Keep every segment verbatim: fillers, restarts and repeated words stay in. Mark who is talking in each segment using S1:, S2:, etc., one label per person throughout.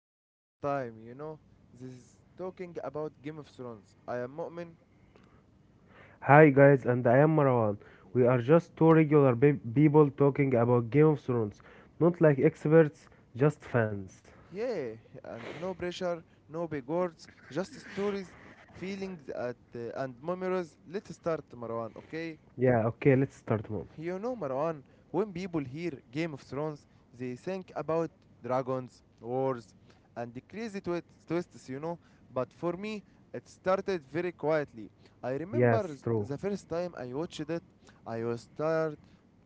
S1: for first time, you know. This is talking about Game of Thrones. I am Mu'min.
S2: Hi guys, and I am Marwan. We are just two regular pe- people talking about Game of Thrones. Not like experts, just fans.
S1: Yeah, and no pressure, no big words, just stories, feelings at, uh, and memories. Let's start Marwan, okay?
S2: Yeah, okay, let's start, Mom.
S1: You know, Marwan, when people hear Game of Thrones, they think about dragons, wars, and the crazy twi- twists, you know. But for me, it started very quietly. I
S2: Yes,
S1: remember th-
S2: true.
S1: the first time I watched it, I was tired,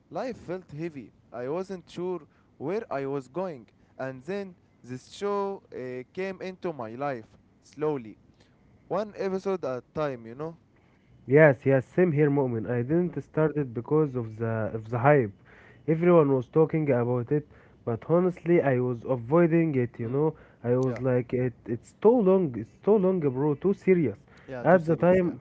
S1: life felt heavy, I wasn't sure where I was going. And then this show uh, came into my life slowly, one episode at a time, you know.
S2: Yes, yes, same here, Mu'min. I didn't
S1: Mm,
S2: start it because of the of the hype. Everyone was talking about it, but honestly, I was avoiding it. You
S1: mm,
S2: know, I was
S1: yeah,
S2: like, it, it's too long, it's too long, bro, too serious.
S1: yeah, too
S2: At the
S1: serious, yeah.
S2: time,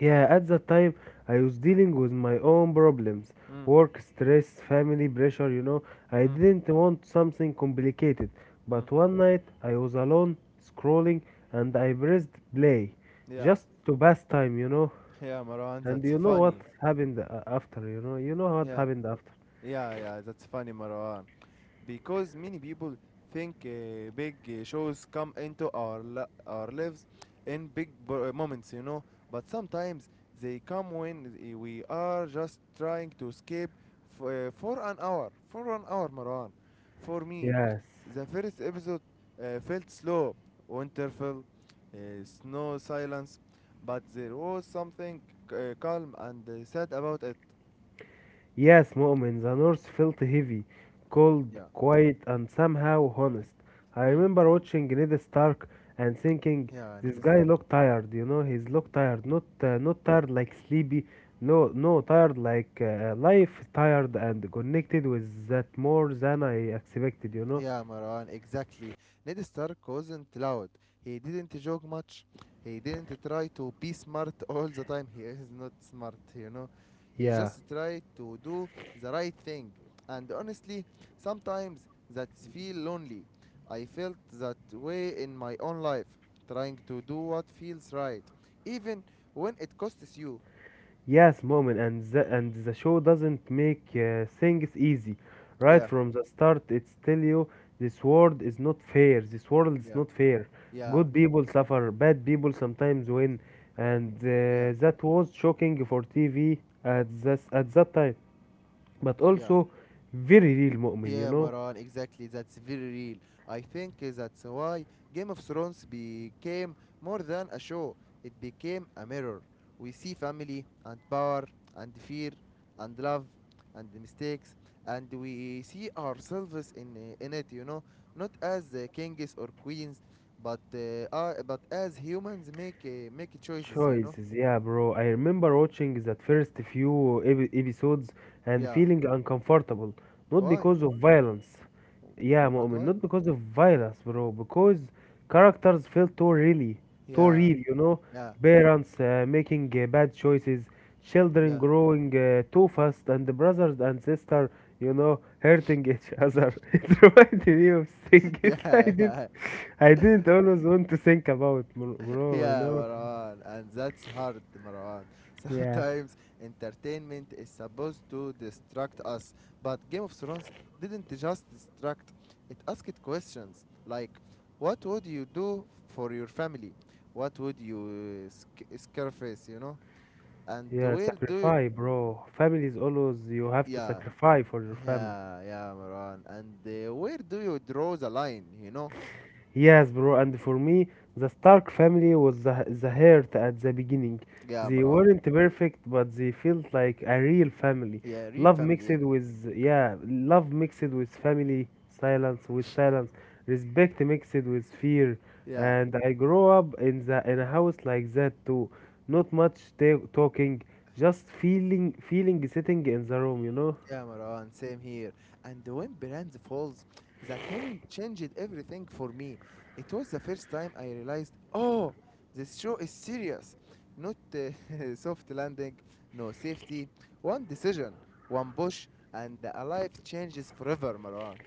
S2: yeah, at that time I was dealing with my own problems:
S1: Mm,
S2: work, stress, family pressure, you know. I
S1: mm.
S2: didn't want something complicated.
S1: Mm.
S2: But one night I was alone, scrolling, and I pressed play
S1: Yeah,
S2: just to pass time, you know.
S1: yeah, Marwan,
S2: And
S1: that's
S2: you know what
S1: funny.
S2: happened uh, after, you know. You know what
S1: Yeah,
S2: happened after.
S1: yeah, yeah, that's funny, Marwan. Because many people think uh, big uh, shows come into our li- our lives in big b- moments, you know. But sometimes they come when i- we are just trying to escape f- uh, for an hour. For one hour, Marwan. For me,
S2: Yes.
S1: the first episode uh, felt slow, winterfell, uh, snow, silence, but there was something uh, calm and uh, sad about it.
S2: Yes, Mu'min, the North felt heavy, cold,
S1: Yeah,
S2: quiet, and somehow honest. I
S1: Mm,
S2: remember watching Ned Stark and thinking,
S1: yeah, I Need
S2: this
S1: Ned
S2: guy
S1: Stark.
S2: looked tired, you know, he's looked tired, not uh, not tired like sleepy, no, no, tired like uh, life, tired, and connected with that more than I expected, you know.
S1: Yeah, Maran, exactly. Ned Stark wasn't loud. He didn't joke much. He didn't try to be smart all the time. He is not smart, you know. He
S2: Yeah.
S1: just tried to do the right thing. And honestly, sometimes that feel lonely. I felt that way in my own life, trying to do what feels right, even when it costs you.
S2: Yes, moment, and the, and the show doesn't make uh, things easy. Right
S1: Yeah,
S2: from the start, it's tell you this world is not fair. This world is
S1: yeah,
S2: not fair.
S1: yeah,
S2: Good people suffer, bad people sometimes win, and
S1: yeah,
S2: uh, that was shocking for T V at this at that time, but
S1: yeah.
S2: also very real, moment. You
S1: Yeah,
S2: know.
S1: Maran, exactly. That's very real. I think that's why Game of Thrones became more than a show, it became a mirror. We see family, and power, and fear, and love, and mistakes, and we see ourselves in, eh, in it, you know, not as uh, kings or queens, but, uh, uh, but as humans make, uh, make choices, you know?
S2: Choices, yeah, bro. I remember watching that first few epi- episodes and
S1: Yeah.
S2: feeling uncomfortable. Not
S1: Why?
S2: because of violence. Yeah,
S1: But
S2: Mu'min,
S1: why?
S2: not because of violence, bro. Because characters felt too really, too
S1: Yeah,
S2: real, you know?
S1: yeah,
S2: Parents uh, making uh, bad choices, children
S1: yeah.
S2: growing uh, too fast, and the brothers and sister, you know, hurting each other. It reminded me of things I
S1: Yeah,
S2: didn't,
S1: yeah,
S2: I didn't always want to think about, bro, you
S1: Yeah,
S2: know?
S1: Marwan, and that's hard, Marwan.
S2: Yeah,
S1: Sometimes entertainment is supposed to distract us, but Game of Thrones didn't just distract, it asked questions like what would you do for your family? What would you uh, sc- sacrifice, you know? And
S2: yeah,
S1: where do you,
S2: sacrifice, bro. Family is always you have to
S1: yeah,
S2: sacrifice for your family.
S1: yeah, yeah, Marwan, and uh, where do you draw the line, you know?
S2: Yes, bro, and for me, the Stark family was the, the heart at the beginning.
S1: Yeah,
S2: They
S1: Marwan.
S2: weren't perfect, but they felt like a real family.
S1: Yeah, real
S2: Love
S1: family,
S2: mixed
S1: yeah.
S2: with, yeah, love mixed with family, silence with silence, respect mixed with fear.
S1: Yeah.
S2: And I grew up in the in a house like that too. Not much ta- talking, just feeling, feeling sitting in the room, you know.
S1: Yeah, Maran, same here. And when Brand falls, that moment changed everything for me. It was the first time I realized, oh, this show is serious. Not uh, soft landing, no safety. One decision, one push, and a life changes forever, Maran.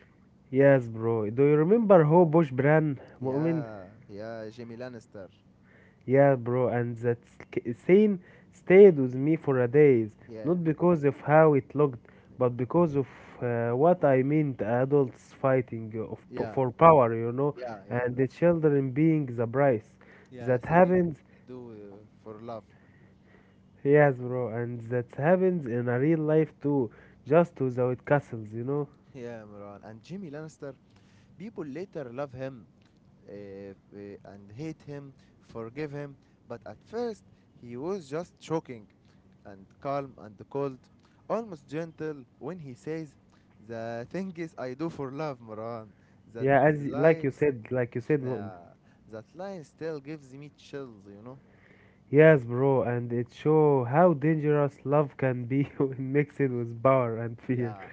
S2: Yes, bro. Do you remember how Bosch Bran Mu'min?
S1: Yeah, yeah, Jimmy Lannister.
S2: Yeah, bro. And that sc- scene stayed with me for a days.
S1: Yeah,
S2: Not because of how it looked, but because of uh, what I meant: adults fighting uh, of, p-
S1: yeah,
S2: for power, you know,
S1: yeah, yeah.
S2: and the children being the price.
S1: Yeah,
S2: That
S1: thinking
S2: happens,
S1: we do uh, for love.
S2: yes, bro. And that happens in a real life too, just without castles, you know.
S1: Yeah, Maran. And Jimmy Lannister people later love him uh, uh, and hate him, forgive him, but at first he was just shocking and calm and cold, almost gentle when he says, the thing is, I do for love, Moran. That
S2: Yeah, as like you
S1: line,
S2: said, like you said, Mu'min.
S1: yeah, that line still gives me chills, you know?
S2: Yes, bro, and it show how dangerous love can be when mixed with power and fear.
S1: Yeah,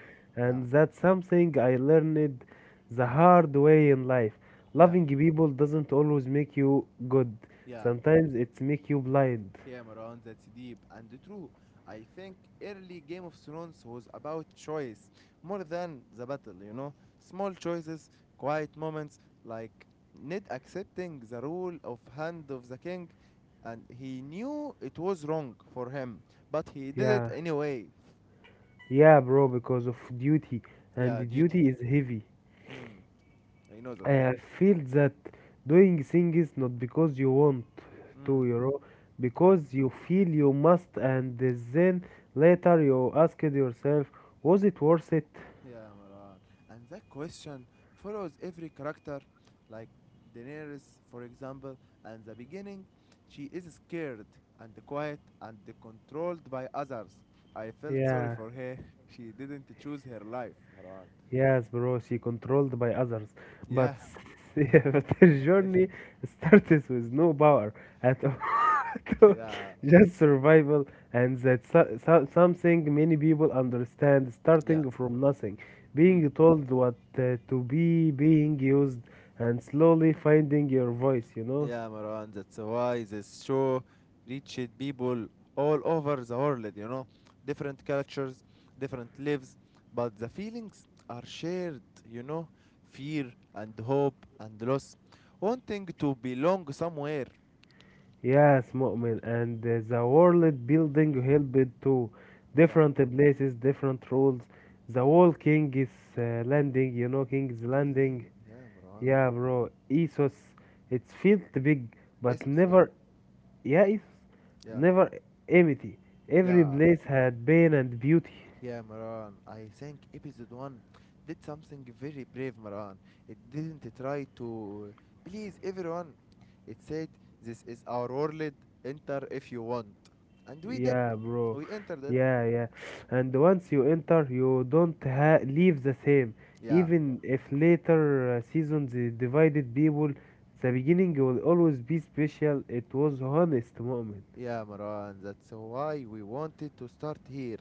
S1: yeah,
S2: And that's something I learned the hard way in life.
S1: yeah,
S2: Loving people doesn't always make you good.
S1: yeah.
S2: Sometimes it make you blind.
S1: Here Maran, that's deep and true. I think early Game of Thrones was about choice more than the battle, you know? Small choices, quiet moments, like Ned accepting the rule of Hand of the King, and he knew it was wrong for him, but he did it
S2: Yeah.
S1: anyway.
S2: Yeah, bro, because of duty. And
S1: Yeah,
S2: the
S1: duty.
S2: duty is heavy.
S1: Mm, I know that.
S2: I feel that doing things not because you want to,
S1: Mm,
S2: you know,
S1: yeah.
S2: because you feel you must, and then later you ask it yourself, was it worth it?
S1: Yeah, Maran. And that question follows every character, like Daenerys, for example. And the beginning, she is scared and quiet and controlled by others. I felt sorry
S2: Yeah.
S1: for her. She didn't choose her life, Maran.
S2: Yes, bro, she controlled by others. But
S1: Yeah,
S2: if their journey starts with no power at all, at
S1: yeah,
S2: just survival, and that so, so- something many people understand,
S1: yeah.
S2: starting from nothing, being told what uh, to be, being used, and slowly finding your voice, you know?
S1: Yeah, Maran, that's why this show reached people all over the world, you know. Different cultures, different lives, but the feelings are shared, you know. Fear and hope and loss. Wanting to belong somewhere.
S2: Yes, Mu'min, and uh, the world building helped to
S1: Yeah.
S2: different places, different rules. The whole King's uh, Landing, you know, King's
S1: King's
S2: Landing.
S1: Landing, yeah, Maran.
S2: Yeah, bro, Essos, it's felt big, but
S1: Essos, yeah.
S2: never, yeah, Essos,
S1: Yeah.
S2: never empty. Every
S1: Yeah.
S2: place had pain and beauty.
S1: Yeah, Maran, I think episode one did something very brave, Maran. It didn't try to please everyone. It said, this is our world, enter if you want. And we did.
S2: Yeah, bro.
S1: We entered it.
S2: Yeah, yeah. And once you enter, you don't ha leave the same.
S1: Yeah.
S2: Even if later uh, seasons uh, divided people, the beginning will always be special. It was honest moment.
S1: Yeah, Marwan, that's why we wanted to start here.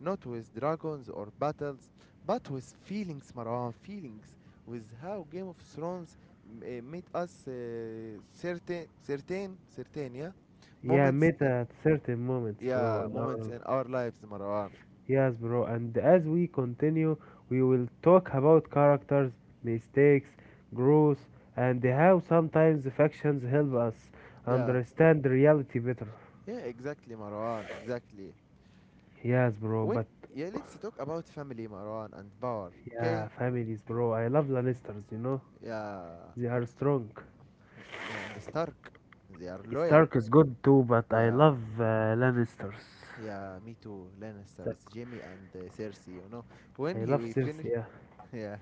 S1: Not with dragons or battles, but with feelings, Marwan, feelings. With how Game of Thrones m- uh, made us uh, certain, certain, certain, yeah?
S2: Yeah,
S1: Moments
S2: met
S1: in,
S2: at certain moments, bro.
S1: yeah,
S2: In
S1: moments
S2: our
S1: in our lives, Marwan.
S2: yes, bro. And as we continue, we will talk about characters, mistakes, growth, and how sometimes factions help us
S1: Yeah,
S2: understand reality better.
S1: yeah, exactly, Marwan, exactly.
S2: Yes, bro,
S1: When,
S2: but
S1: yeah, let's talk about family, Marwan, and power, okay?
S2: yeah, families, bro. I love Lannisters, you know?
S1: Yeah,
S2: They are strong.
S1: yeah, and Stark, they are loyal.
S2: Stark is good too, but I
S1: Yeah,
S2: love uh, Lannisters.
S1: yeah, me too.
S2: So-
S1: Lannisters, Jamie and uh, Cersei. You know, when
S2: I
S1: he
S2: love
S1: we finish,
S2: Cersei, yeah.
S1: yeah,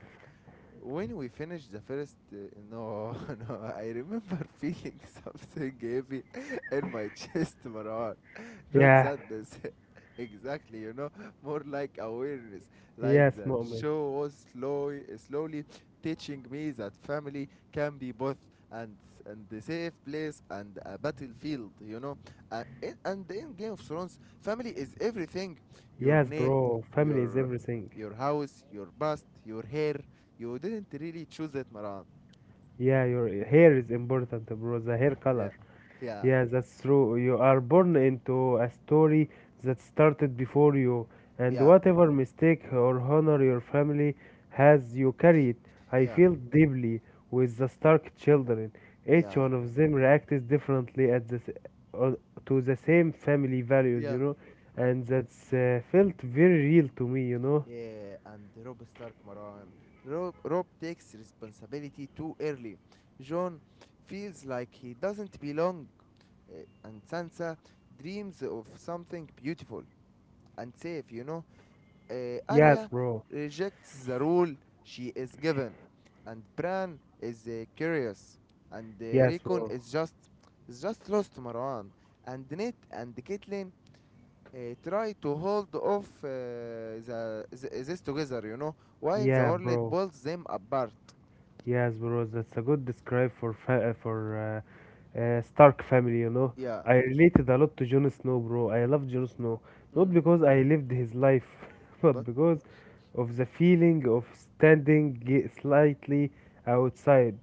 S1: when we finished the first, uh, no, no, I remember feeling something heavy in my chest, Marwan not
S2: Yeah,
S1: sadness. Exactly, you know, more like awareness. Like
S2: yes,
S1: the
S2: Mu'min.
S1: show was slowly, slowly teaching me that family can be both and and the safe place and a battlefield. You know, uh, in, and in Game of Thrones, family is everything. Your
S2: Yes,
S1: name,
S2: bro. Family is
S1: your
S2: everything.
S1: your house, your past, your hair. You didn't really choose it, Maran.
S2: Yeah, your hair is important, bro. The hair
S1: Yeah,
S2: color.
S1: yeah,
S2: Yeah, that's true. You are born into a story that started before you, and
S1: yeah,
S2: whatever mistake or honor your family has, you carry it. I
S1: yeah,
S2: feel deeply with the Stark children. Each
S1: yeah,
S2: one of them reacted differently at the s- on- to the same family values, you
S1: yeah.
S2: know,
S1: Hmm.
S2: and that's uh, felt very real to me, you know.
S1: Yeah, and Rob Stark Marwan. Rob, Rob takes responsibility too early. John feels like he doesn't belong, uh, and Sansa dreams of something beautiful and safe, you know. Uh,
S2: Yes,
S1: Arya
S2: bro.
S1: rejects the rule she is given, and Bran is uh, curious, and uh,
S2: Yes,
S1: Recon
S2: bro.
S1: is just is just lost Marwan, and Ned and Caitlyn uh, try to hold off uh, the, the this together, you know, while the
S2: Yeah,
S1: world
S2: bro.
S1: pulls them apart.
S2: Yes, bro. That's a good describe for fa- uh, for uh, uh, Stark family, you know.
S1: Yeah.
S2: I related a lot to Jon Snow, bro. I love Jon Snow. Not
S1: Mm.
S2: because I lived his life, but
S1: But
S2: because of the feeling of standing g- slightly outside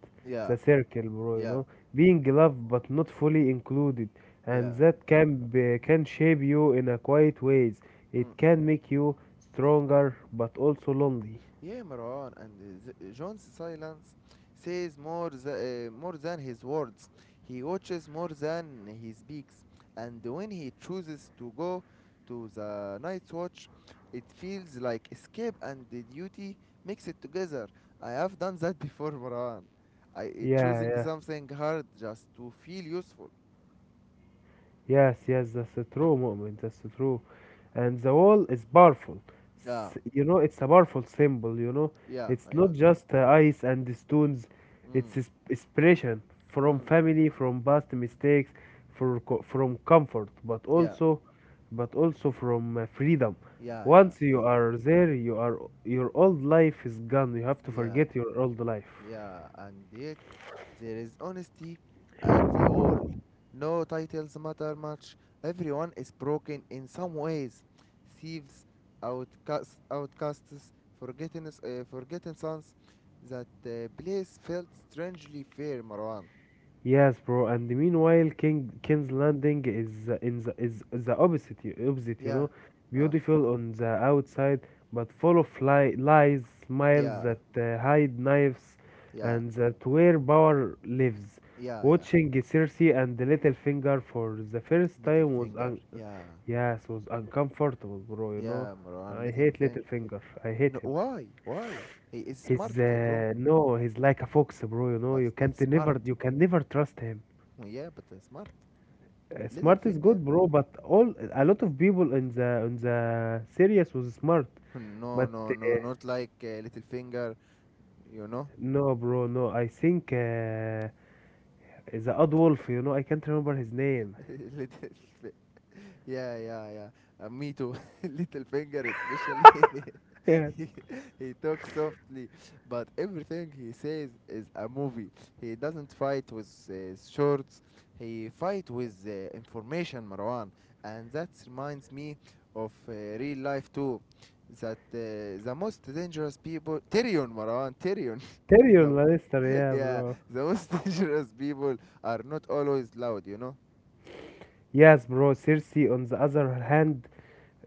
S2: the
S1: yeah,
S2: circle, bro, you
S1: yeah,
S2: know. Being loved but not fully included. And
S1: yeah.
S2: that can be, can shape you in a quiet ways.
S1: Mm.
S2: It can make you stronger but also lonely.
S1: Yeah, Marwan, and uh, th- John's silence says more, th- uh, more than his words. He watches more than he speaks, and when he chooses to go to the night's watch, it feels like escape and the duty mix it together. I have done that before, Marwan. I uh,
S2: Yeah,
S1: choosing
S2: yeah.
S1: something hard just to feel useful.
S2: Yes, yes, that's a true moment. That's a true. And the wall is powerful.
S1: Yeah,
S2: S- You know, it's a powerful symbol, you know.
S1: yeah,
S2: It's
S1: I
S2: not
S1: know that.
S2: just uh, ice and the stones. It's
S1: Mm,
S2: is- inspiration from
S1: mm,
S2: family, from past mistakes, for co- from comfort, but
S1: yeah,
S2: also but also from uh, freedom.
S1: yeah, yeah,
S2: Once you
S1: freedom.
S2: are there, you are your old life is gone. You have to
S1: Yeah,
S2: forget your old life.
S1: yeah, and yes. There is honesty at the wall. No titles matter much. Everyone is broken in some ways. Thieves, outcasts, outcasts, forgotten, uh, forgotten sons. That uh, place felt strangely fair, Marwan.
S2: Yes, bro. And meanwhile, King King's Landing is uh, in the is the opposite, y- opposite. You
S1: Yeah,
S2: know,
S1: Ah,
S2: beautiful on the outside, but full of li- lies, smiles
S1: yeah,
S2: that uh, hide knives,
S1: yeah,
S2: and that where power lives.
S1: yeah, yeah.
S2: Watching Cersei and the Littlefinger for the first
S1: Little
S2: time was
S1: finger.
S2: un-
S1: Yeah,
S2: yes was uncomfortable, bro. You know,
S1: yeah, Marwan.
S2: I
S1: Little
S2: hate
S1: finger.
S2: Littlefinger. I hate
S1: No,
S2: him.
S1: why? Why? He is smart,
S2: He's
S1: uh, bro.
S2: uh, no, he's like a fox, bro. You know,
S1: But
S2: you
S1: but
S2: can't
S1: smart.
S2: never you can never trust him.
S1: Yeah, but uh, smart.
S2: Uh,
S1: Little
S2: Smart is
S1: finger.
S2: good, bro, but all a lot of people in the in the series was smart,
S1: No,
S2: but
S1: no,
S2: uh,
S1: no, not like uh, little finger, you know.
S2: no, bro, no. I think uh, the Odd Wolf, you know, I can't remember his name.
S1: little, fi- yeah, yeah, yeah. Uh, me too. Little finger, especially.
S2: Yeah,
S1: he, he talks softly, but everything he says is a movie. He doesn't fight with uh, swords. He fight with uh, information, Marwan, and that reminds me of uh, real life too. That uh, the most dangerous people, Tyrion, Marwan, Tyrion.
S2: Tyrion
S1: the,
S2: Lannister, yeah,
S1: Yeah,
S2: bro.
S1: the most dangerous people are not always loud, you know?
S2: Yes, bro. Cersei, on the other hand,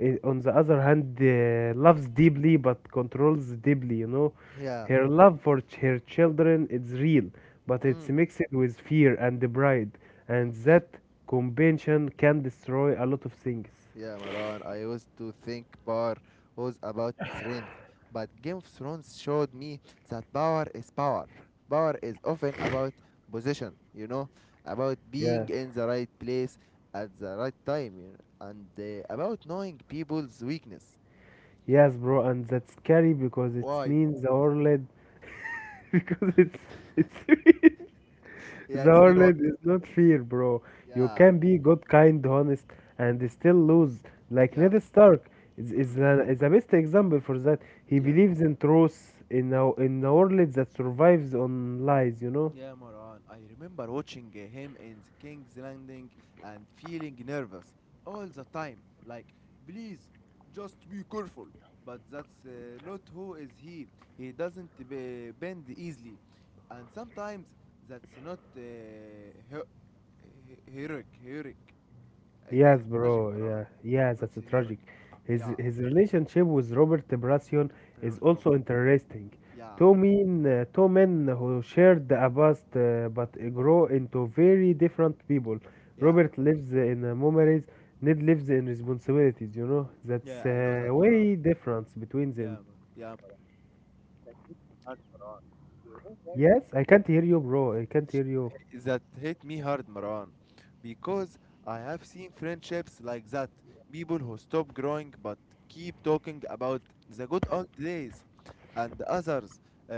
S2: eh, on the other hand, eh, loves deeply but controls deeply, you know.
S1: Yeah.
S2: Her love for ch- her children is real, but it's
S1: Mm.
S2: mixed with fear and pride, and
S1: Mm.
S2: that combination can destroy a lot of things.
S1: Yeah, Maran, I used to think power was about strength, but Game of Thrones showed me that power is power. Power is often about position, you know, about being
S2: Yes.
S1: in the right place at the right time, you know, and uh, about knowing people's weakness.
S2: Yes, bro, and that's scary because it
S1: Why?
S2: means the world because it's it's
S1: Yeah,
S2: the
S1: it's mean
S2: world
S1: what?
S2: is not fair, bro. You
S1: Yeah,
S2: can be good, kind, honest, and still lose. Like
S1: Yeah.
S2: Ned Stark is,
S1: Mm.
S2: is, a, is a best example for that. He
S1: Yeah.
S2: believes in truth in a, in a world that survives on lies, you know?
S1: Yeah, Moran, I remember watching uh, him in the King's Landing and feeling nervous all the time. Like, please, just be careful. But that's uh, not who is he. He doesn't be- bend easily, and sometimes that's not uh, he- he- heroic. Heroic. It's
S2: Yes,
S1: uh, tragic,
S2: bro.
S1: Moran.
S2: Yeah, yeah,
S1: Not
S2: that's
S1: so heroic.
S2: tragic. His
S1: Yeah,
S2: his relationship with Robert Brassion is
S1: Priority
S2: also
S1: Robert. Right?
S2: interesting.
S1: Yeah,
S2: Two men, uh, two men who shared a past uh, but grow into very different people.
S1: yeah,
S2: Robert lives in uh, memories. Ned lives in responsibilities. You know, that's
S1: yeah.
S2: uh,
S1: I know that, Moran.
S2: way difference between
S1: Yeah,
S2: them.
S1: Mar- yeah, that hit me hard, Maran. You know why?
S2: Yes,
S1: Maran?
S2: I can't hear you, bro. I can't hear you.
S1: That hit me hard, Maran. Because I have seen friendships like that. People who stop growing but keep talking about the good old days and others uh,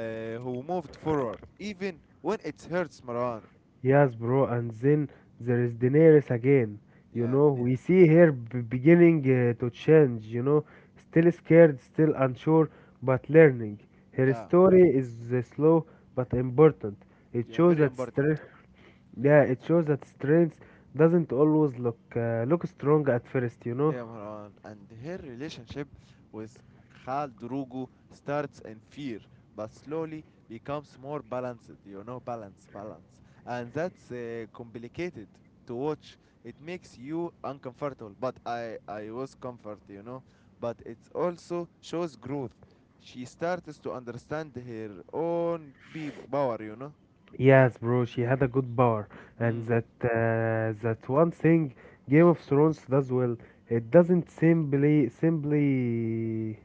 S1: who moved forward, even when it hurts, Maran.
S2: Yes, bro, and then there is Daenerys again. You
S1: Yeah,
S2: know, we see her b- beginning uh, to change, you know, still scared, still unsure, but learning. Her
S1: yeah,
S2: story is uh, slow but important. It
S1: yeah,
S2: shows
S1: very
S2: that
S1: important.
S2: strength, yeah, it shows that strength doesn't always look uh, look strong at first, you know.
S1: Yeah, Marwan. And her relationship with Khal Drugo starts in fear, but slowly becomes more balanced, you know, balance, balance. And that's uh, complicated to watch. It makes you uncomfortable, but I, I was comfort, you know. But it also shows growth. She starts to understand her own people, power, you know.
S2: Yes, bro, she had a good power, and
S1: Mm.
S2: that uh, that one thing Game of Thrones does well. It doesn't simply simply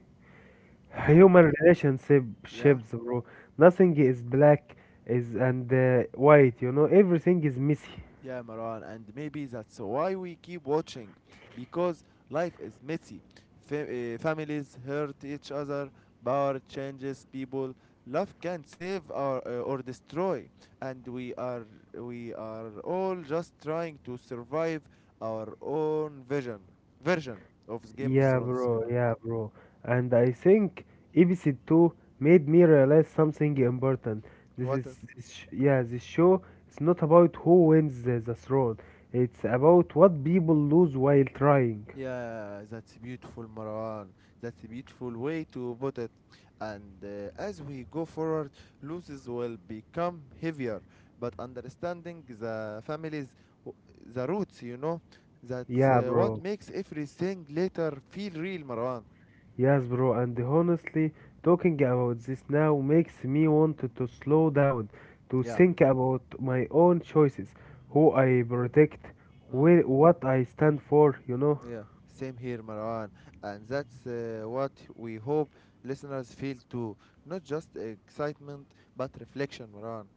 S1: Human.
S2: human relationship
S1: Yeah.
S2: shapes, bro. Nothing is black is and uh, white, you know. Everything is messy.
S1: Yeah, Maran, and maybe that's why we keep watching, because life is messy. Fa- uh, families hurt each other, power changes people, love can save or, uh, or destroy, and we are we are all just trying to survive our own vision version of Game of
S2: Yeah,
S1: Thrones. You
S2: bro.
S1: know
S2: Yeah, bro. And I think episode two made me realize something important. This is,
S1: what?
S2: this sh- yeah, this show is not about who wins the, the throne. It's about what people lose while trying.
S1: Yeah, that's beautiful, Marwan. That's a beautiful way to put it. And uh, as we go forward, losses will become heavier. But understanding the families, w- the roots, you know, that's
S2: Yeah,
S1: uh, what
S2: bro.
S1: makes everything later feel real, Marwan.
S2: Yes, bro, and honestly, talking about this now makes me want to to slow down, to
S1: Yeah.
S2: think about my own choices, who I protect,
S1: Mm.
S2: where, what I stand for, you know?
S1: Yeah. Same here, Marwan. And that's uh, what we hope listeners feel too. Not just excitement, but reflection, Marwan.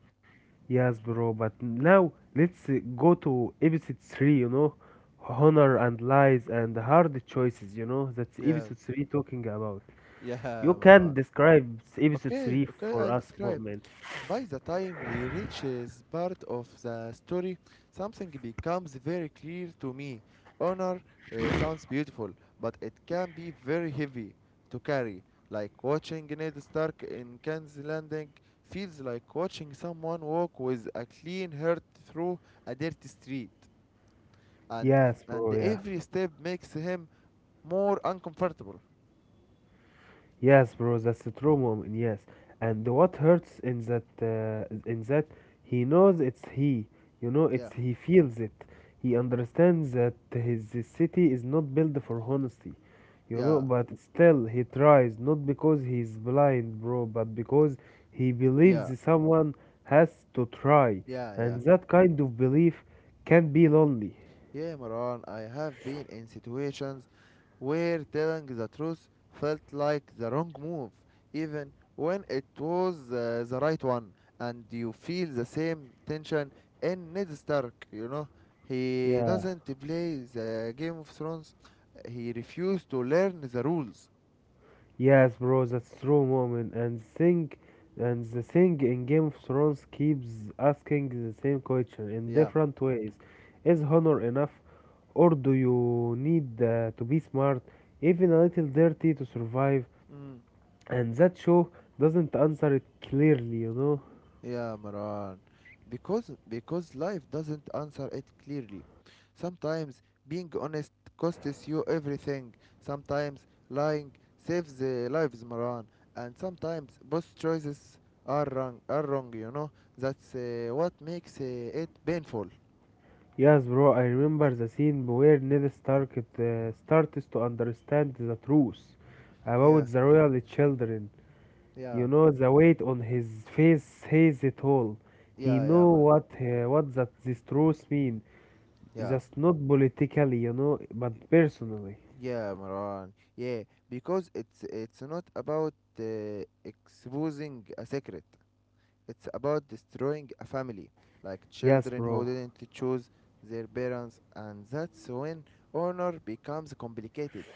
S2: Yes, bro, but now let's uh, go to episode three, you know? Honor and lies and hard choices, you know? That's
S1: Yeah.
S2: episode three talking about.
S1: Yeah,
S2: You can
S1: Marwan.
S2: describe s- episode
S1: Okay,
S2: three
S1: okay,
S2: for
S1: I'll
S2: us,
S1: describe.
S2: man.
S1: By the time we reach this part of the story, something becomes very clear to me. Honor uh, sounds beautiful, but it can be very heavy to carry. Like watching Ned Stark in King's Landing feels like watching someone walk with a clean heart through a dirty street, and
S2: Yes,
S1: and
S2: bro, yeah.
S1: every step makes him more uncomfortable.
S2: Yes, bro, that's the true moment. Yes, and what hurts in that uh, in that he knows it's he. You know,
S1: Yeah,
S2: it's he feels it. He understands that his city is not built for honesty. You know,
S1: yeah,
S2: but still he tries, not because he's blind, bro, but because he
S1: yeah,
S2: believes someone has to try,
S1: yeah, yeah.
S2: and that kind of belief can be lonely.
S1: Yeah, Maran, I have been in situations where telling the truth felt like the wrong move, even when it was uh, the right one, and you feel the same tension in Ned Stark, you know. He
S2: Yeah.
S1: doesn't play the Game of Thrones, he refused to learn the rules.
S2: Yes, bro, that's true moment. And think, and the thing in Game of Thrones keeps asking the same question in
S1: Yeah.
S2: different ways. Is honor enough, or do you need uh, to be smart, even a little dirty, to survive?
S1: Mm.
S2: And that show doesn't answer it clearly, you know.
S1: Yeah, Maran. Because because life doesn't answer it clearly. Sometimes being honest costs you everything. Sometimes lying saves the lives, Maran. And sometimes both choices are wrong. Are wrong, you know. That's uh, what makes uh, it painful.
S2: Yes, bro, I remember the scene where Ned Stark uh, starts to understand the truth about
S1: Yeah,
S2: the royal children.
S1: yeah,
S2: You know the weight on his face says it all. He
S1: yeah, yeah,
S2: know
S1: Mar.
S2: what uh, what that this truth mean.
S1: Yeah,
S2: Just not politically, you know, but personally.
S1: yeah, Maran. Yeah, because it's it's not about uh, exposing a secret. It's about destroying a family, like
S2: Yes,
S1: children
S2: bro.
S1: who didn't choose their parents, and that's when honor becomes complicated.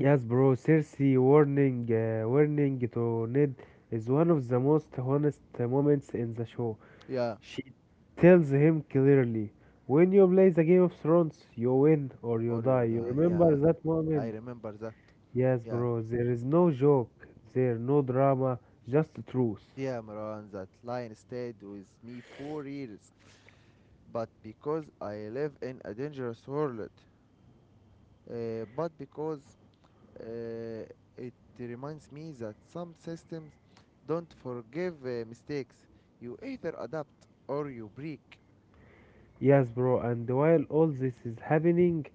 S2: Yes, bro. Cersei warning, uh, warning to Ned is one of the most honest uh, moments in the show.
S1: Yeah,
S2: She tells him clearly, when you play the Game of Thrones, you win or you
S1: or you
S2: die. You
S1: die. Yeah,
S2: remember that
S1: I
S2: moment?
S1: remember that.
S2: Yes,
S1: Yeah,
S2: bro. There is no joke. There no drama, just truth.
S1: yeah, Marwan, that line stayed with me for years, but because I live in a dangerous world, uh, but because uh, it reminds me that some systems don't forgive uh, mistakes. You either adapt or you break.
S2: Yes, bro. And while all this is happening,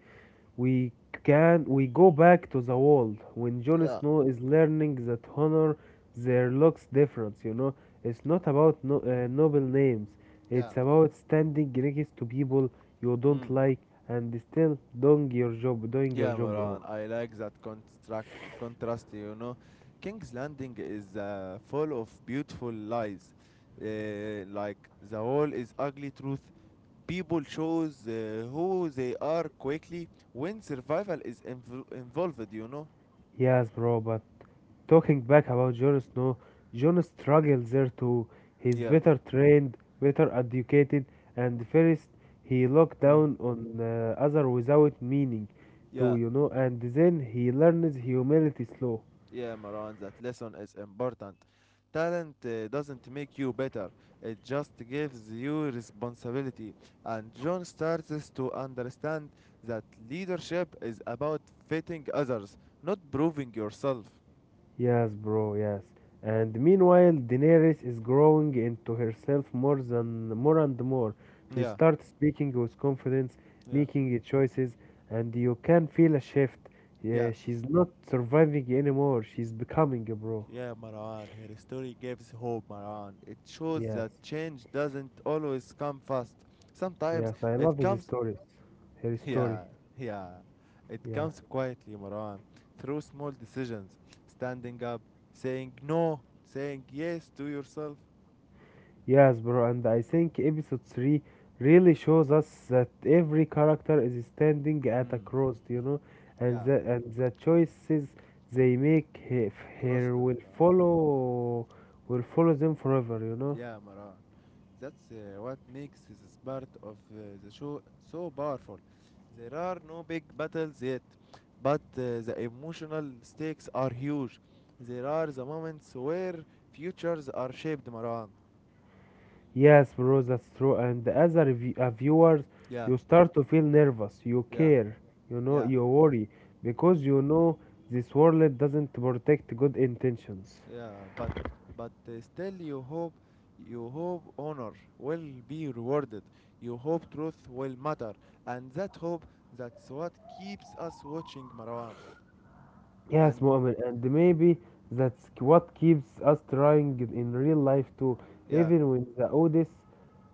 S2: we can we go back to the world when Jon
S1: Yeah,
S2: Snow is learning that honor there looks different. You know, it's not about no, uh, noble names.
S1: yeah.
S2: It's about standing next to people you don't
S1: Mm.
S2: like and still doing your job, doing your
S1: Yeah,
S2: job, bro.
S1: Moran, I like that construct contrast, you know. King's Landing is uh, full of beautiful lies. Uh, like the wall is ugly truth. People shows uh, who they are quickly when survival is inv involved, you know.
S2: Yes, bro. But talking back about Jon Snow, Jon struggles there too. He's
S1: Yeah.
S2: better trained, better educated, and first he looked
S1: Yeah.
S2: down on uh, other without meaning to,
S1: Yeah.
S2: you know, and then he learns humility slow.
S1: Yeah, Maran, that lesson is important. Talent uh, doesn't make you better, it just gives you responsibility. And John starts to understand that leadership is about fitting others, not proving yourself.
S2: Yes, bro, yes. And meanwhile, Daenerys is growing into herself more than more and more. She
S1: Yeah,
S2: starts speaking with confidence,
S1: yeah,
S2: making choices, and you can feel a shift.
S1: yeah.
S2: Yeah, she's not surviving anymore. She's becoming, bro.
S1: Yeah, Marwan. her story gives hope, Marwan. It shows
S2: Yes,
S1: that change doesn't always come fast. Sometimes
S2: yes. I love
S1: it
S2: his
S1: comes.
S2: stories. Her story.
S1: Yeah, yeah. It
S2: Yeah.
S1: comes quietly, Marwan, through small decisions, standing up, saying no, saying yes to yourself.
S2: Yes, bro, and I think episode three really shows us that every character is standing at a
S1: Hmm.
S2: cross, you know, and
S1: Yeah,
S2: the, and the choices they make he-
S1: cross
S2: here
S1: the road.
S2: will
S1: Huh?
S2: follow will follow them forever, you know.
S1: Yeah, Marwan. That's uh, what makes this part of uh, the show so powerful. There are no big battles yet, but uh, the emotional stakes are huge. There are the moments where futures are shaped, Marwan.
S2: Yes, bro, that's true. And as a, review, a viewer,
S1: Yeah,
S2: you start to feel nervous, you
S1: yeah,
S2: care, you know,
S1: yeah.
S2: you worry because you know this world doesn't protect good intentions.
S1: Yeah, but but uh, still you hope you hope honor will be rewarded. You hope truth will matter, and that hope, that's what keeps us watching Marwan.
S2: Yes,
S1: And
S2: Mu'min, and maybe that's k- what keeps us trying it in real life too.
S1: yeah,
S2: Even when the odds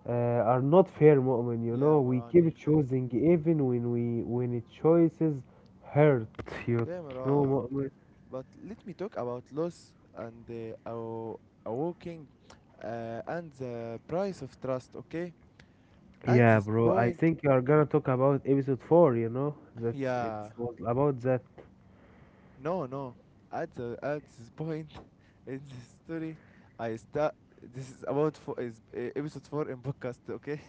S2: uh, are not fair, Mu'min, you
S1: yeah,
S2: know, we
S1: Marwan,
S2: keep
S1: exactly.
S2: choosing even when we when it choices hurt, you
S1: Yeah,
S2: know,
S1: Marwan.
S2: Mu'min.
S1: But let me talk about loss and uh, aw- awaking uh, and the price of trust. Okay, at
S2: Yeah,
S1: this
S2: bro, I
S1: point,
S2: think you are gonna talk about episode four, you know, that's it
S1: yeah,
S2: was about that.
S1: no, no. At the, at this point in the story, I start. This is about four, is uh, episode four in podcast. Okay.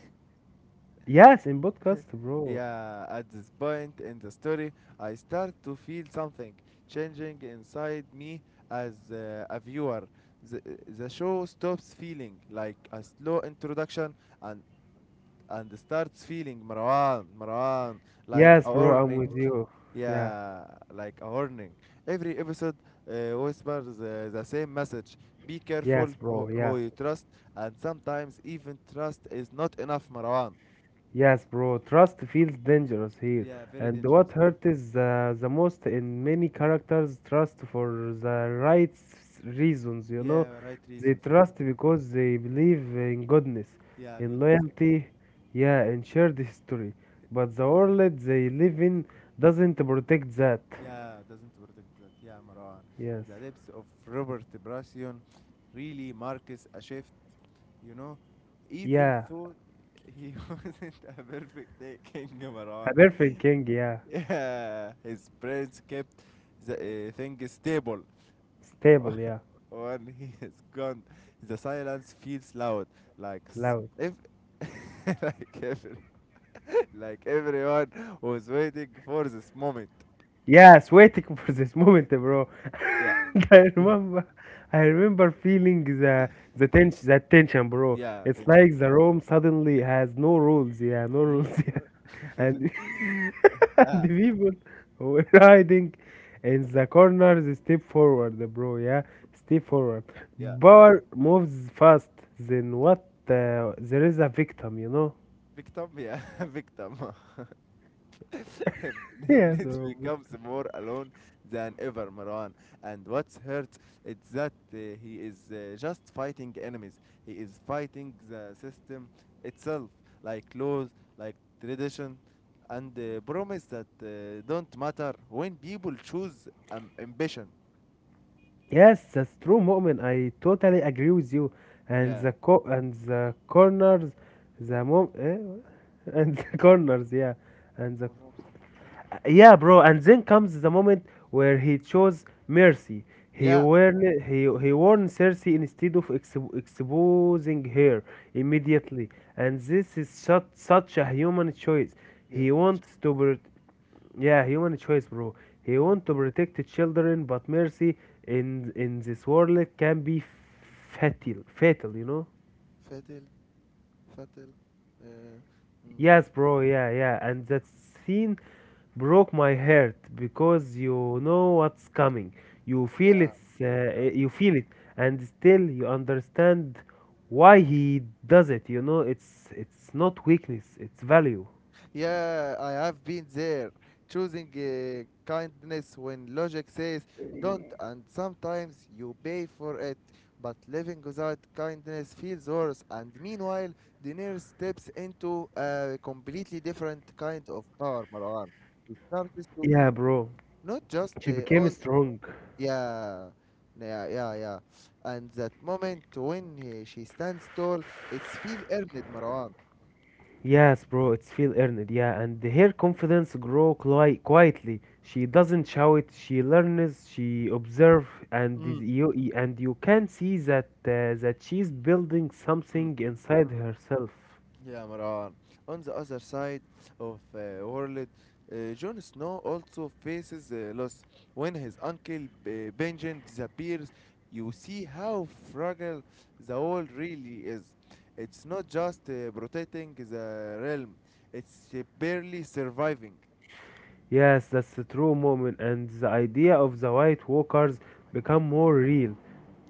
S2: Yes, in podcast, bro.
S1: yeah. At this point in the story, I start to feel something changing inside me as uh, a viewer. The, the show stops feeling like a slow introduction and and starts feeling Marwan, Marwan, like
S2: Yes,
S1: a
S2: bro, I'm with
S1: warning.
S2: you. Yeah,
S1: Yeah, like a warning. Every episode uh, whispers uh, the same message. Be careful
S2: yes,
S1: who,
S2: bro, yeah.
S1: who you trust, and sometimes even trust is not enough, Marwan.
S2: Yes, bro, trust feels dangerous here.
S1: Yeah, very
S2: And what
S1: dangerous.
S2: hurts is uh, the most in many characters trust for the right s- reasons, you know.
S1: Yeah, right
S2: They
S1: reasons. Yeah,
S2: trust because they believe in goodness,
S1: yeah,
S2: in
S1: goodness. Yeah,
S2: loyalty, yeah, in shared history. But the world they live in doesn't protect that.
S1: yeah, doesn't protect that. Yeah, Marwan.
S2: Yes.
S1: The depths of Robert Brassion really marks a shift. You know, even
S2: Yeah.
S1: though he wasn't a perfect day, King Marwan.
S2: A perfect king, yeah.
S1: Yeah, his parents kept the uh, thing stable.
S2: Stable, yeah.
S1: When he is gone, the silence feels loud, like s-
S2: Loud.
S1: if like every like everyone was waiting for this moment.
S2: Yes, waiting for this moment, bro.
S1: Yeah,
S2: I
S1: yeah,
S2: remember, I remember feeling the the tension, that tension, bro.
S1: yeah.
S2: It's
S1: Attention.
S2: like the room suddenly has no rules, yeah, no
S1: Mm.
S2: rules, yeah, and and
S1: Ah,
S2: the people who were hiding in the corners step forward, bro. Yeah, step forward.
S1: yeah.
S2: Power moves fast. Then what? Uh, there is a victim, you know.
S1: Victim, yeah, victim.
S2: Yes,
S1: Nate
S2: bro.
S1: becomes more alone than ever, Marwan. And what's hurt it's that uh, he is uh, just fighting enemies. He is fighting the system itself, like laws, like tradition, and uh, promise that uh, don't matter when people choose um, ambition.
S2: Yes, that's true, Mu'min. I totally agree with you. And
S1: Yeah.
S2: the co- and the corners, the mom, eh? And the corners, yeah, and the,
S1: قررت
S2: yeah, bro. And then comes the moment where he chose mercy. He
S1: Yeah.
S2: warned he he warned Cersei instead of expo- exposing her immediately. And this is such such a human choice. He
S1: يوم الشك
S2: wants to, yeah, human choice, bro. He
S1: مم.
S2: want to protect the children, but mercy in in this world can be fatal, fatal, you know?
S1: فاتل فاتل آه، مم،
S2: Yes, bro. Yeah, yeah. And that scene broke my heart because you know what's coming. You feel
S1: Yeah.
S2: it. Uh, eh, you feel it, and still you understand why he does it. You know, it's it's not weakness. It's value.
S1: Yeah, I have been there, choosing uh, kindness when logic says don't, and sometimes you pay for it. But living without kindness feels worse, and meanwhile, Denier steps into a completely different kind of power, Marwan. He starts to be
S2: Yeah, bro.
S1: not just
S2: She
S1: uh,
S2: became
S1: on,
S2: strong.
S1: yeah, yeah, yeah, yeah. And that moment when he, she stands tall, it's feel earned, Marwan.
S2: Yes, bro, it's feel earned, yeah, and her confidence grow qui- quietly. She doesn't shout, she learns, she observe, and is-
S1: Mm.
S2: you and you can see that uh, that she's building
S1: Mm,
S2: something inside herself.
S1: yeah, Maran. On the other side of uh, world, uh, Jon Snow also faces uh, loss. When his uncle B- Benjen disappears, you see how fragile the world really is. It's not just uh, protecting the realm; it's uh, barely surviving.
S2: Yes, that's the true moment, and the idea of the White Walkers
S1: White
S2: become
S1: Walker.
S2: more real.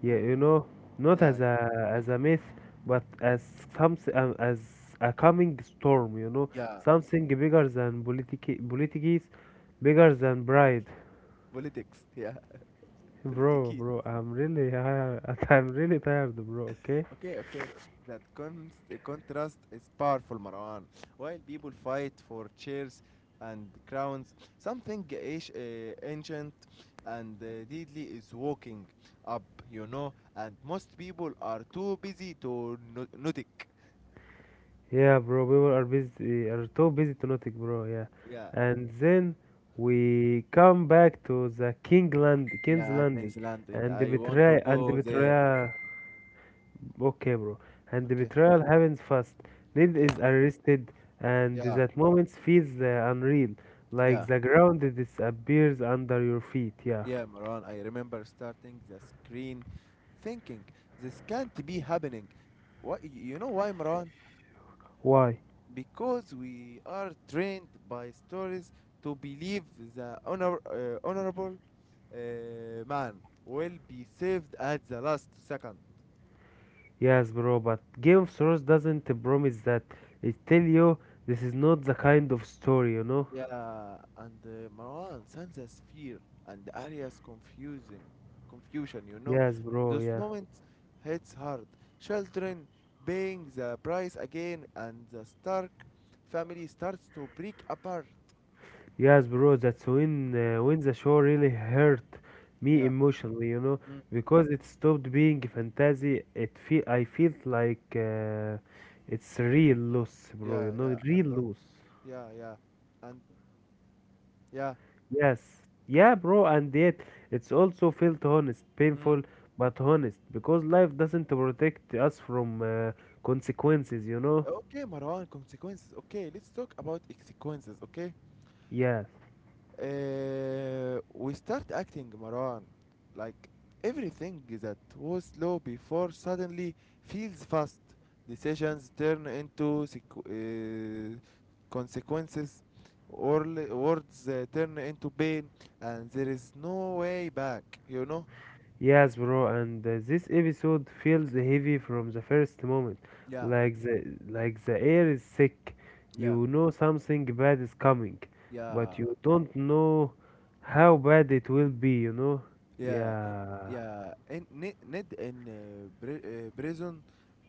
S2: Yeah,
S1: Mm.
S2: you know, not
S1: Yeah,
S2: as a as a myth, but as some um, as a coming storm. You know,
S1: yeah.
S2: something bigger than politic politics, bigger than pride.
S1: Politics. Yeah,
S2: Bro,
S1: politics.
S2: bro, I'm really, I, I'm really tired, bro. Okay.
S1: Okay, okay. That con contrast is powerful, Marwan. While people fight for chairs and crowns, something ash- uh, ancient and uh, deadly is walking up, you know, and most people are too busy to no notice.
S2: Yeah, bro, people are busy, are too busy to notice, bro. Yeah,
S1: Yeah,
S2: and then we come back to the Kingland, King's
S1: yeah,
S2: Landing,
S1: Queen's Landing.
S2: and the
S1: I want to
S2: betrayal, and the
S1: go there.
S2: betrayal. Okay, bro, and the
S1: Okay,
S2: betrayal happens fast. Ned is
S1: yeah,
S2: arrested, and
S1: yeah,
S2: that moment feels uh, unreal, like
S1: yeah,
S2: the ground disappears under your feet. Yeah,
S1: yeah, Marwan. I remember starting the screen thinking, this can't be happening. Why, you know why, Marwan?
S2: why?
S1: Because we are trained by stories to believe the honor, uh, honorable uh, man will be saved at the last second.
S2: Yes, bro, but Game of Thrones doesn't promise that. It tell you this is not the kind of story, you know.
S1: Yeah, and uh, Marwan senses fear and Arya's confusing confusion, you know,
S2: Yes, bro.
S1: those
S2: Yeah.
S1: moments hits hard. Children paying the price again, and the Stark family starts to break apart.
S2: Yes, bro. That's when uh, when the show really hurt me
S1: Yeah.
S2: emotionally, you know,
S1: Mm.
S2: because it stopped being fantasy. It feel I felt like uh, it's real loss, bro. You
S1: Yeah,
S2: know,
S1: yeah, and
S2: real
S1: those,
S2: loss.
S1: yeah, yeah, and yeah.
S2: Yes. Yeah, bro. And yet, it's also felt honest,
S1: Mm.
S2: painful, but honest, because life doesn't protect us from uh, consequences, you know.
S1: Okay, Marwan, consequences. Okay, let's talk about consequences, okay?
S2: Yeah.
S1: Uh, we start acting, Marwan. Like, everything that was slow before suddenly feels fast. Decisions turn into sequ- uh, consequences. Orl- words uh, turn into pain, and there is no way back, you know?
S2: Yes, bro, and uh, this episode feels heavy from the first moment.
S1: Yeah,
S2: Like the like the air is sick.
S1: yeah,
S2: You know something bad is coming, but
S1: yeah,
S2: you don't know how bad it will be, you know?
S1: yeah.
S2: Yeah.
S1: Yeah, and Ned in uh, pri- uh, prison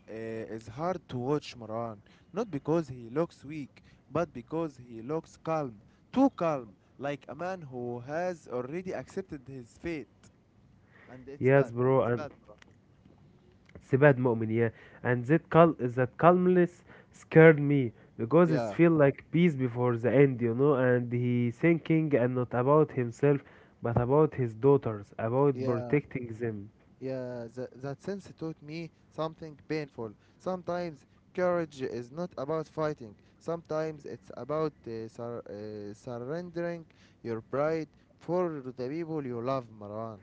S1: uh, it's hard to watch Maran, not because he looks weak, but because he looks calm, too calm, like a man who has already accepted his fate. And it's bad.
S2: Yes, bro,
S1: It's
S2: and
S1: bad, Maran.
S2: it's a bad moment, yeah. And that cal that calmness scared me because it
S1: Yeah,
S2: feel like peace before the end, you know, and he thinking and not about himself, but about his daughters, about
S1: yeah,
S2: protecting them.
S1: yeah. That, that sense taught me something painful. Sometimes courage is not about fighting. Sometimes it's about uh, sur- uh, surrendering your pride for the people you love, Maran.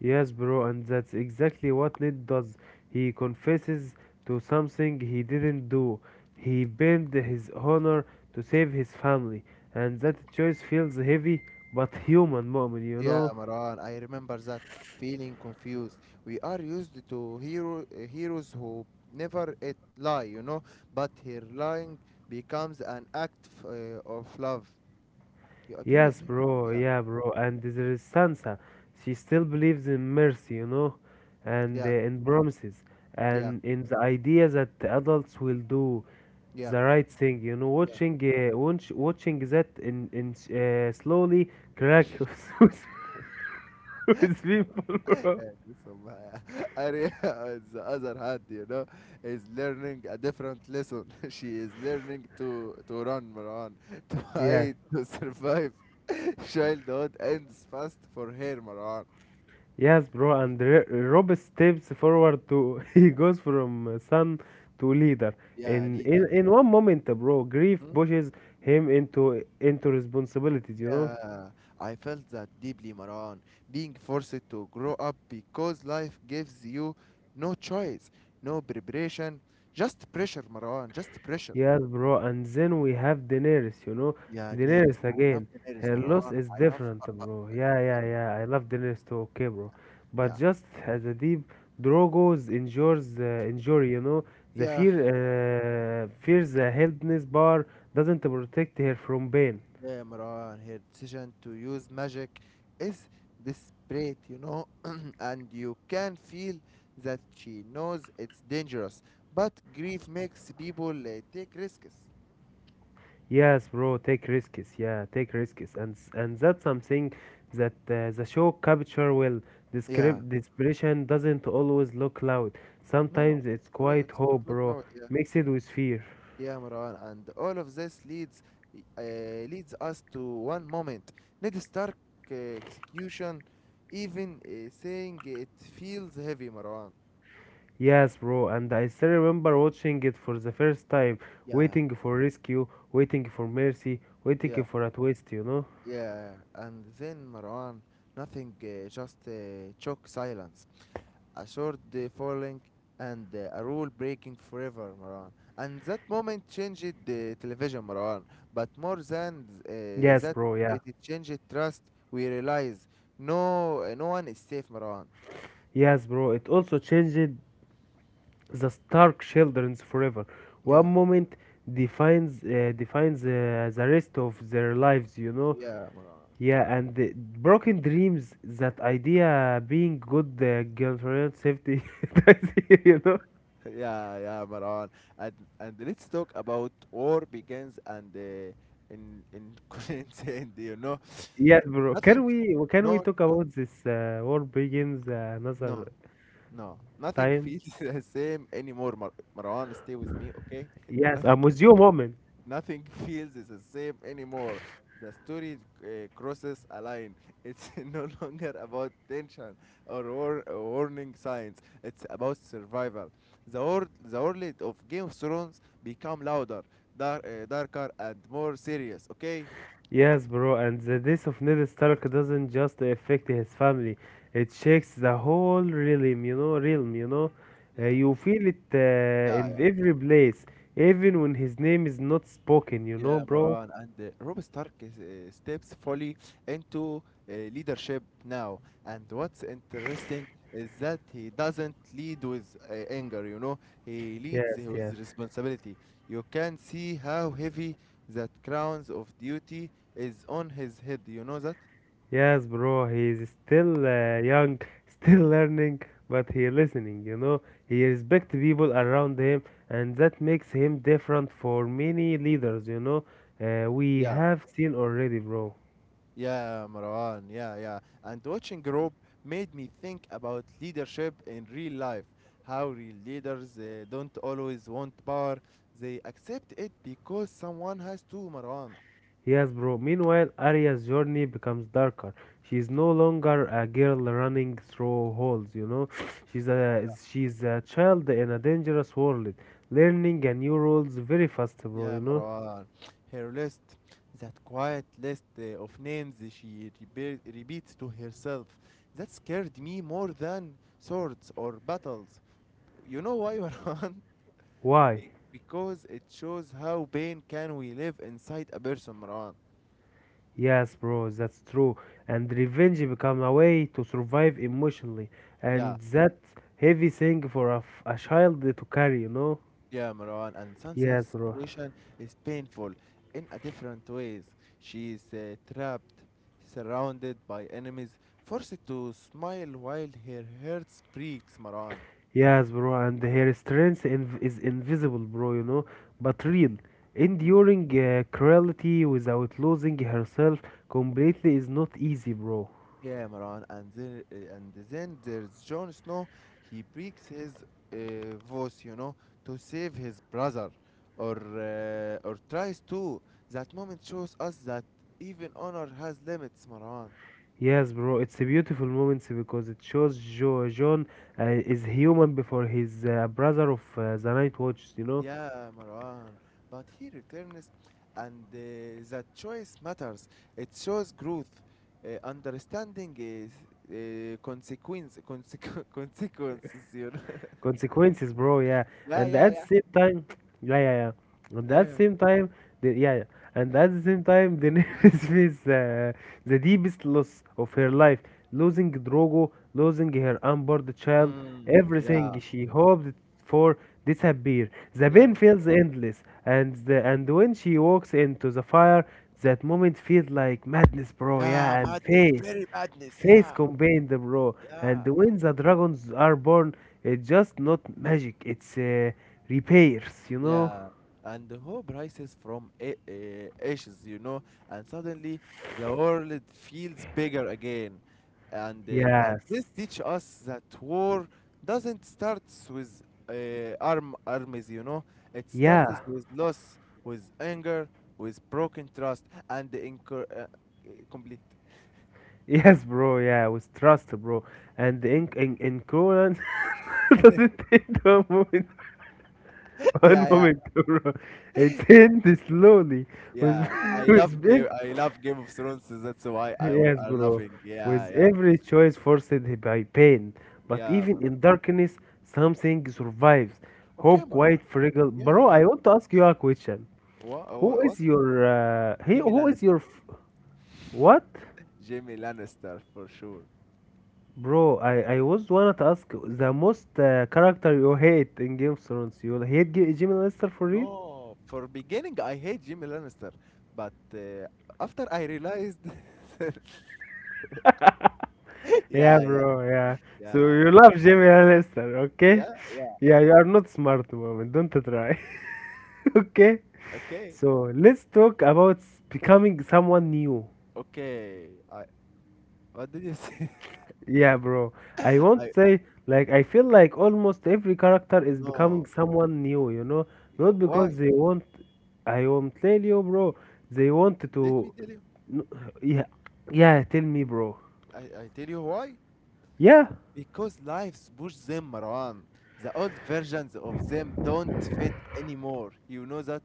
S2: Yes, bro, and that's exactly what Ned does. He confesses to something he didn't do. He bent his honor to save his family, and that choice feels heavy but human moment, you
S1: Yeah,
S2: know?
S1: Maran, I remember that feeling confused. We are used to hero uh, heroes who never it lie, you know, but here lying becomes an act f- uh, of love. You agree with
S2: Yes,
S1: me?
S2: bro,
S1: Yeah,
S2: yeah, bro. And there is Sansa. She still believes in mercy, you know, and uh,
S1: yeah,
S2: in promises,
S1: yeah,
S2: and in the idea that the adults will do
S1: yeah,
S2: the right thing, you know,
S1: yeah.
S2: watching uh, watch, watching that in in uh, slowly crack with, with people, bro.
S1: So my- I re- on the other hand, you know, is learning a different lesson. She is learning to to run, Maran, to
S2: Yes,
S1: hide, to survive. Childhood ends fast for her, Maran.
S2: yes, bro, and R- rob steps forward to he goes from son to leader
S1: Yeah,
S2: in
S1: leader.
S2: in, in one moment, bro. Grief
S1: Mm,
S2: pushes him into into responsibilities, you know.
S1: yeah, I felt that deeply, Maran. Being forced to grow up because life gives you no choice, no preparation, just pressure, Maran, just pressure.
S2: Yes, bro. And then we have Daenerys, you know,
S1: Yeah, Daenerys.
S2: Daenerys
S1: I love
S2: again.
S1: Daenerys,
S2: Her loss
S1: Maran.
S2: is
S1: I love.
S2: different,
S1: Uh, uh,
S2: bro.
S1: uh,
S2: Yeah,
S1: yeah,
S2: yeah, yeah. I love Daenerys too. Okay, bro. But
S1: yeah,
S2: just as a deep Drogo's injures uh, injury, you know, the
S1: yeah,
S2: fear uh, fears the helpless bar doesn't protect her from pain.
S1: yeah, Maran. Her decision to use magic is desperate, you know, and you can feel that she knows it's dangerous, but grief makes people uh, take risks.
S2: Yes, bro, take risks. Yeah, take risks, and s- and that's something that uh, the show capture will.
S1: Yeah.
S2: Descript Desperation doesn't always look loud.
S1: No,
S2: Sometimes it's
S1: it's a lot,
S2: quite
S1: it's a lot
S2: hope,
S1: like
S2: bro,
S1: now. Yeah,
S2: mixed with fear.
S1: yeah, Marwan, and all of this leads uh, leads us to one moment. Ned Stark uh, execution, even uh, saying it feels heavy, Marwan.
S2: Yes, bro, and I still remember watching it for the first time,
S1: Yeah,
S2: waiting for rescue, waiting for mercy, waiting
S1: yeah,
S2: for a twist. You know?
S1: yeah, and then Marwan, nothing, uh, just uh, shock silence. a short uh, falling and uh, a rule breaking forever, Marwan. And that moment changed the television, Marwan. But more than uh,
S2: Yes,
S1: that,
S2: bro. Yeah.
S1: it changed trust. We realize no, uh, no one is safe, Marwan.
S2: Yes, bro. It also changed the Stark children's forever.
S1: Yeah,
S2: One moment defines uh, defines uh, the rest of their lives, you know.
S1: yeah, Marwan.
S2: Yeah, and the broken dreams. That idea being good uh, girlfriend safety, you know.
S1: Yeah, yeah, Marwan. And and let's talk about war begins and uh, in in Queensland, you know.
S2: Yes, bro. Can
S1: Nothing.
S2: we can we
S1: No,
S2: talk
S1: no,
S2: about this uh, war begins uh, another
S1: no. No, nothing
S2: time?
S1: feels the same anymore. Mar- Marwan, stay with me, okay?
S2: Yes,
S1: nothing,
S2: I'm with you, moment.
S1: nothing feels the same anymore. The story uh, crosses a line. It's no longer about tension or war- warning signs. It's about survival. The world, the world of Game of Thrones become louder, dar- uh, darker, and more serious. Okay?
S2: Yes, bro, and the death of Ned Stark doesn't just affect his family, it shakes the whole realm, you know, realm, you know. Uh,
S1: Yeah.
S2: you feel it uh, in
S1: Yeah,
S2: every place, even when his name is not spoken, you know,
S1: yeah,
S2: bro.
S1: Maran, and uh, Rob Stark is, uh, steps fully into uh, leadership now. And what's interesting is that he doesn't lead with uh, anger, you know, he leads
S2: Yes,
S1: with
S2: yes.
S1: responsibility. You can see how heavy that crowns of duty is on his head, you know that?
S2: Yes, bro, he's still uh, young, still learning, but he listening, you know. He respect people around him, and that makes him different for many leaders, you know. Uh, we have seen already, bro.
S1: Yeah, Marwan. Yeah, yeah. And watching Rob made me think about leadership in real life. How real leaders uh, don't always want power, they accept it because someone has to, Marwan.
S2: Yes, bro. Meanwhile, Arya's journey becomes darker. She is no longer a girl running through holes, you know. She's a
S1: Yeah,
S2: she's a child in a dangerous world, learning a new rules very fast, bro, you
S1: yeah,
S2: know.
S1: Marwan. Her list, that quiet list uh, of names she rebe- repeats to herself, that scared me more than swords or battles. You know why, Marwan?
S2: Why?
S1: Be- because it shows how pain can we live inside a person, Marwan.
S2: Yes, bro, that's true. And revenge become a way to survive emotionally,
S1: Yeah,
S2: and that heavy thing for a, f- a child to carry, you know.
S1: yeah, Marwan. And
S2: Yes,
S1: Sansa's
S2: bro.
S1: situation is painful in a different ways. She is uh, trapped, surrounded by enemies, forced to smile while her heart breaks, Marwan.
S2: Yes, bro, and her strength inv- is invisible, bro, you know, but real.
S1: Mm.
S2: Enduring uh, cruelty without losing herself completely is not easy, bro.
S1: Yeah, Marwan. And there, uh, and then there's Jon Snow. He breaks his uh, voice, you know, to save his brother, or uh, or tries to. That moment shows us that even honor has limits, Marwan.
S2: Yes, bro, it's a beautiful moment because it shows jo- John uh, is human before his uh, brother of uh, the Night Watch, you know.
S1: Yeah, Marwan. But he returns, and uh, that choice matters. It shows growth. Uh, understanding is uh, consequence, consequ- consequences. You know?
S2: Consequences, bro. Yeah,
S1: Yeah,
S2: and
S1: yeah,
S2: at the
S1: yeah,
S2: same time, yeah, yeah, yeah. And
S1: yeah,
S2: at the
S1: yeah.
S2: same time, the, yeah, yeah. And at the same time, the Daenerys faced uh, the deepest loss of her life, losing Drogo, losing her unborn child,
S1: Mm,
S2: everything
S1: yeah,
S2: she hoped for disappear. The
S1: yeah,
S2: pain
S1: man.
S2: feels endless, and the, and when she walks into the fire, that moment feels like madness, bro.
S1: Yeah,
S2: Yeah, and
S1: madness,
S2: face
S1: very madness.
S2: face
S1: Yeah,
S2: combined, bro.
S1: yeah,
S2: And when the dragons are born, it's just not magic. It's uh, repairs, you know?
S1: yeah, and the hope rises from a- a- ashes, you know, and suddenly the world feels bigger again. And uh, and this
S2: Yes.
S1: teach us that war doesn't start with uh, arm armies, you know. It starts
S2: Yeah.
S1: with loss, with anger, with broken trust, and the incur uh, uh, complete.
S2: Yes, bro. Yeah, with trust, bro. And in in in Conan doesn't take one moment, one
S1: Yeah, yeah,
S2: moment, bro. It's end slowly with
S1: yeah. I love
S2: with big.
S1: Game. I love Game of Thrones. So that's why I we
S2: Yes,
S1: are
S2: bro.
S1: laughing. Yeah,
S2: With
S1: yeah,
S2: every choice forced by pain, but
S1: yeah. Mar-
S2: even in darkness, something survives.
S1: Okay,
S2: Hope,
S1: Marwan.
S2: quite fragile.
S1: Yeah,
S2: Bro,
S1: yeah.
S2: I want to ask you a question.
S1: What?
S2: Who
S1: What?
S2: is
S1: What?
S2: your uh, he?
S1: Jimmy
S2: Who is your
S1: Lannister.
S2: f- What,
S1: Jimmy Lannister for sure.
S2: bro? I I was wanna to ask the most uh, character you hate in Game of Thrones. You hate G- Jimmy Lannister for real?
S1: No, for beginning I hate Jimmy Lannister, but uh, after I realized,
S2: Yeah,
S1: yeah, yeah,
S2: bro. Yeah. So
S1: yeah,
S2: you love Jimmy Lannister, okay?
S1: yeah, yeah.
S2: Yeah, you are not smart, woman. Don't try. Okay.
S1: Okay,
S2: So let's talk about s- becoming someone new.
S1: okay. I what did you say?
S2: Yeah, bro. I
S1: I
S2: won't say like I feel like almost every character is becoming
S1: no.
S2: someone new, you know?
S1: Y-
S2: Not because
S1: Why?
S2: they want, I won't tell you, bro. They want
S1: Let me
S2: to,
S1: tell you.
S2: no, yeah. Yeah, tell me, bro.
S1: I I tell you why.
S2: Yeah.
S1: Because lives push them, Marwan. The old versions of them don't fit anymore. You know that?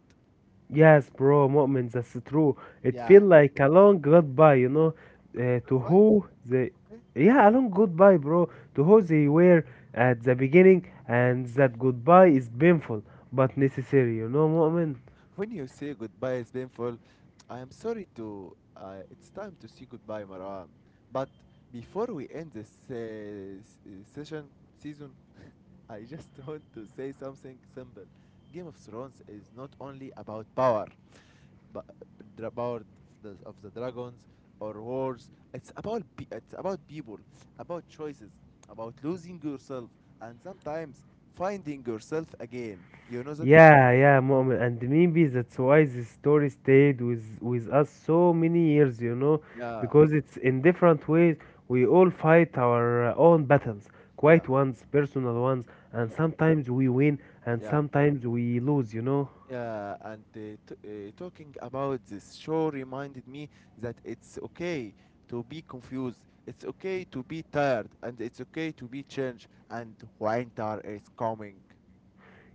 S2: Yes, bro, Mu'min, that's true. It
S1: Yeah.
S2: feel like a long goodbye, you know, uh, to
S1: Goodbye.
S2: who they, yeah, a long goodbye, bro, to who they were at the beginning, and that goodbye is painful but necessary, you know, Mu'min?
S1: When you say goodbye is painful, I am sorry to. Uh, it's time to say goodbye, Marwan. But before we end this uh, s- uh, session, season, I just want to say something simple. Game of Thrones is not only about power, but dra- power of the, of the dragons or wars. It's about pe- it's about people, about choices, about losing yourself, and sometimes finding yourself again. You know that?
S2: Yeah, yeah, Mu'min, and maybe that's why this story stayed with with us so many years, you know,
S1: Yeah.
S2: because it's in different ways. We all fight our uh, own battles,
S1: Yeah.
S2: quiet ones, personal ones, and
S1: Mm.
S2: sometimes we win and
S1: Yeah.
S2: sometimes we lose, you know.
S1: Yeah, and uh, t- uh, talking about this show reminded me that it's okay to be confused, it's okay to be tired, and it's okay to be changed, and winter is coming.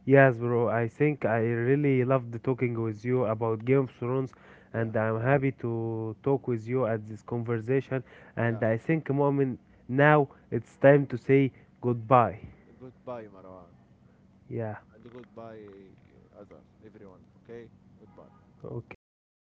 S2: Yes, bro, I think I really loved talking with you about Game of Thrones, and
S1: Yeah,
S2: I'm happy to talk with you at this conversation. And
S1: yeah.
S2: I think, Mu'min, now it's time to say goodbye.
S1: Goodbye, Marwan,
S2: Yeah.
S1: and goodbye, uh, Azar, everyone, okay? Goodbye.
S2: Okay, goodbye.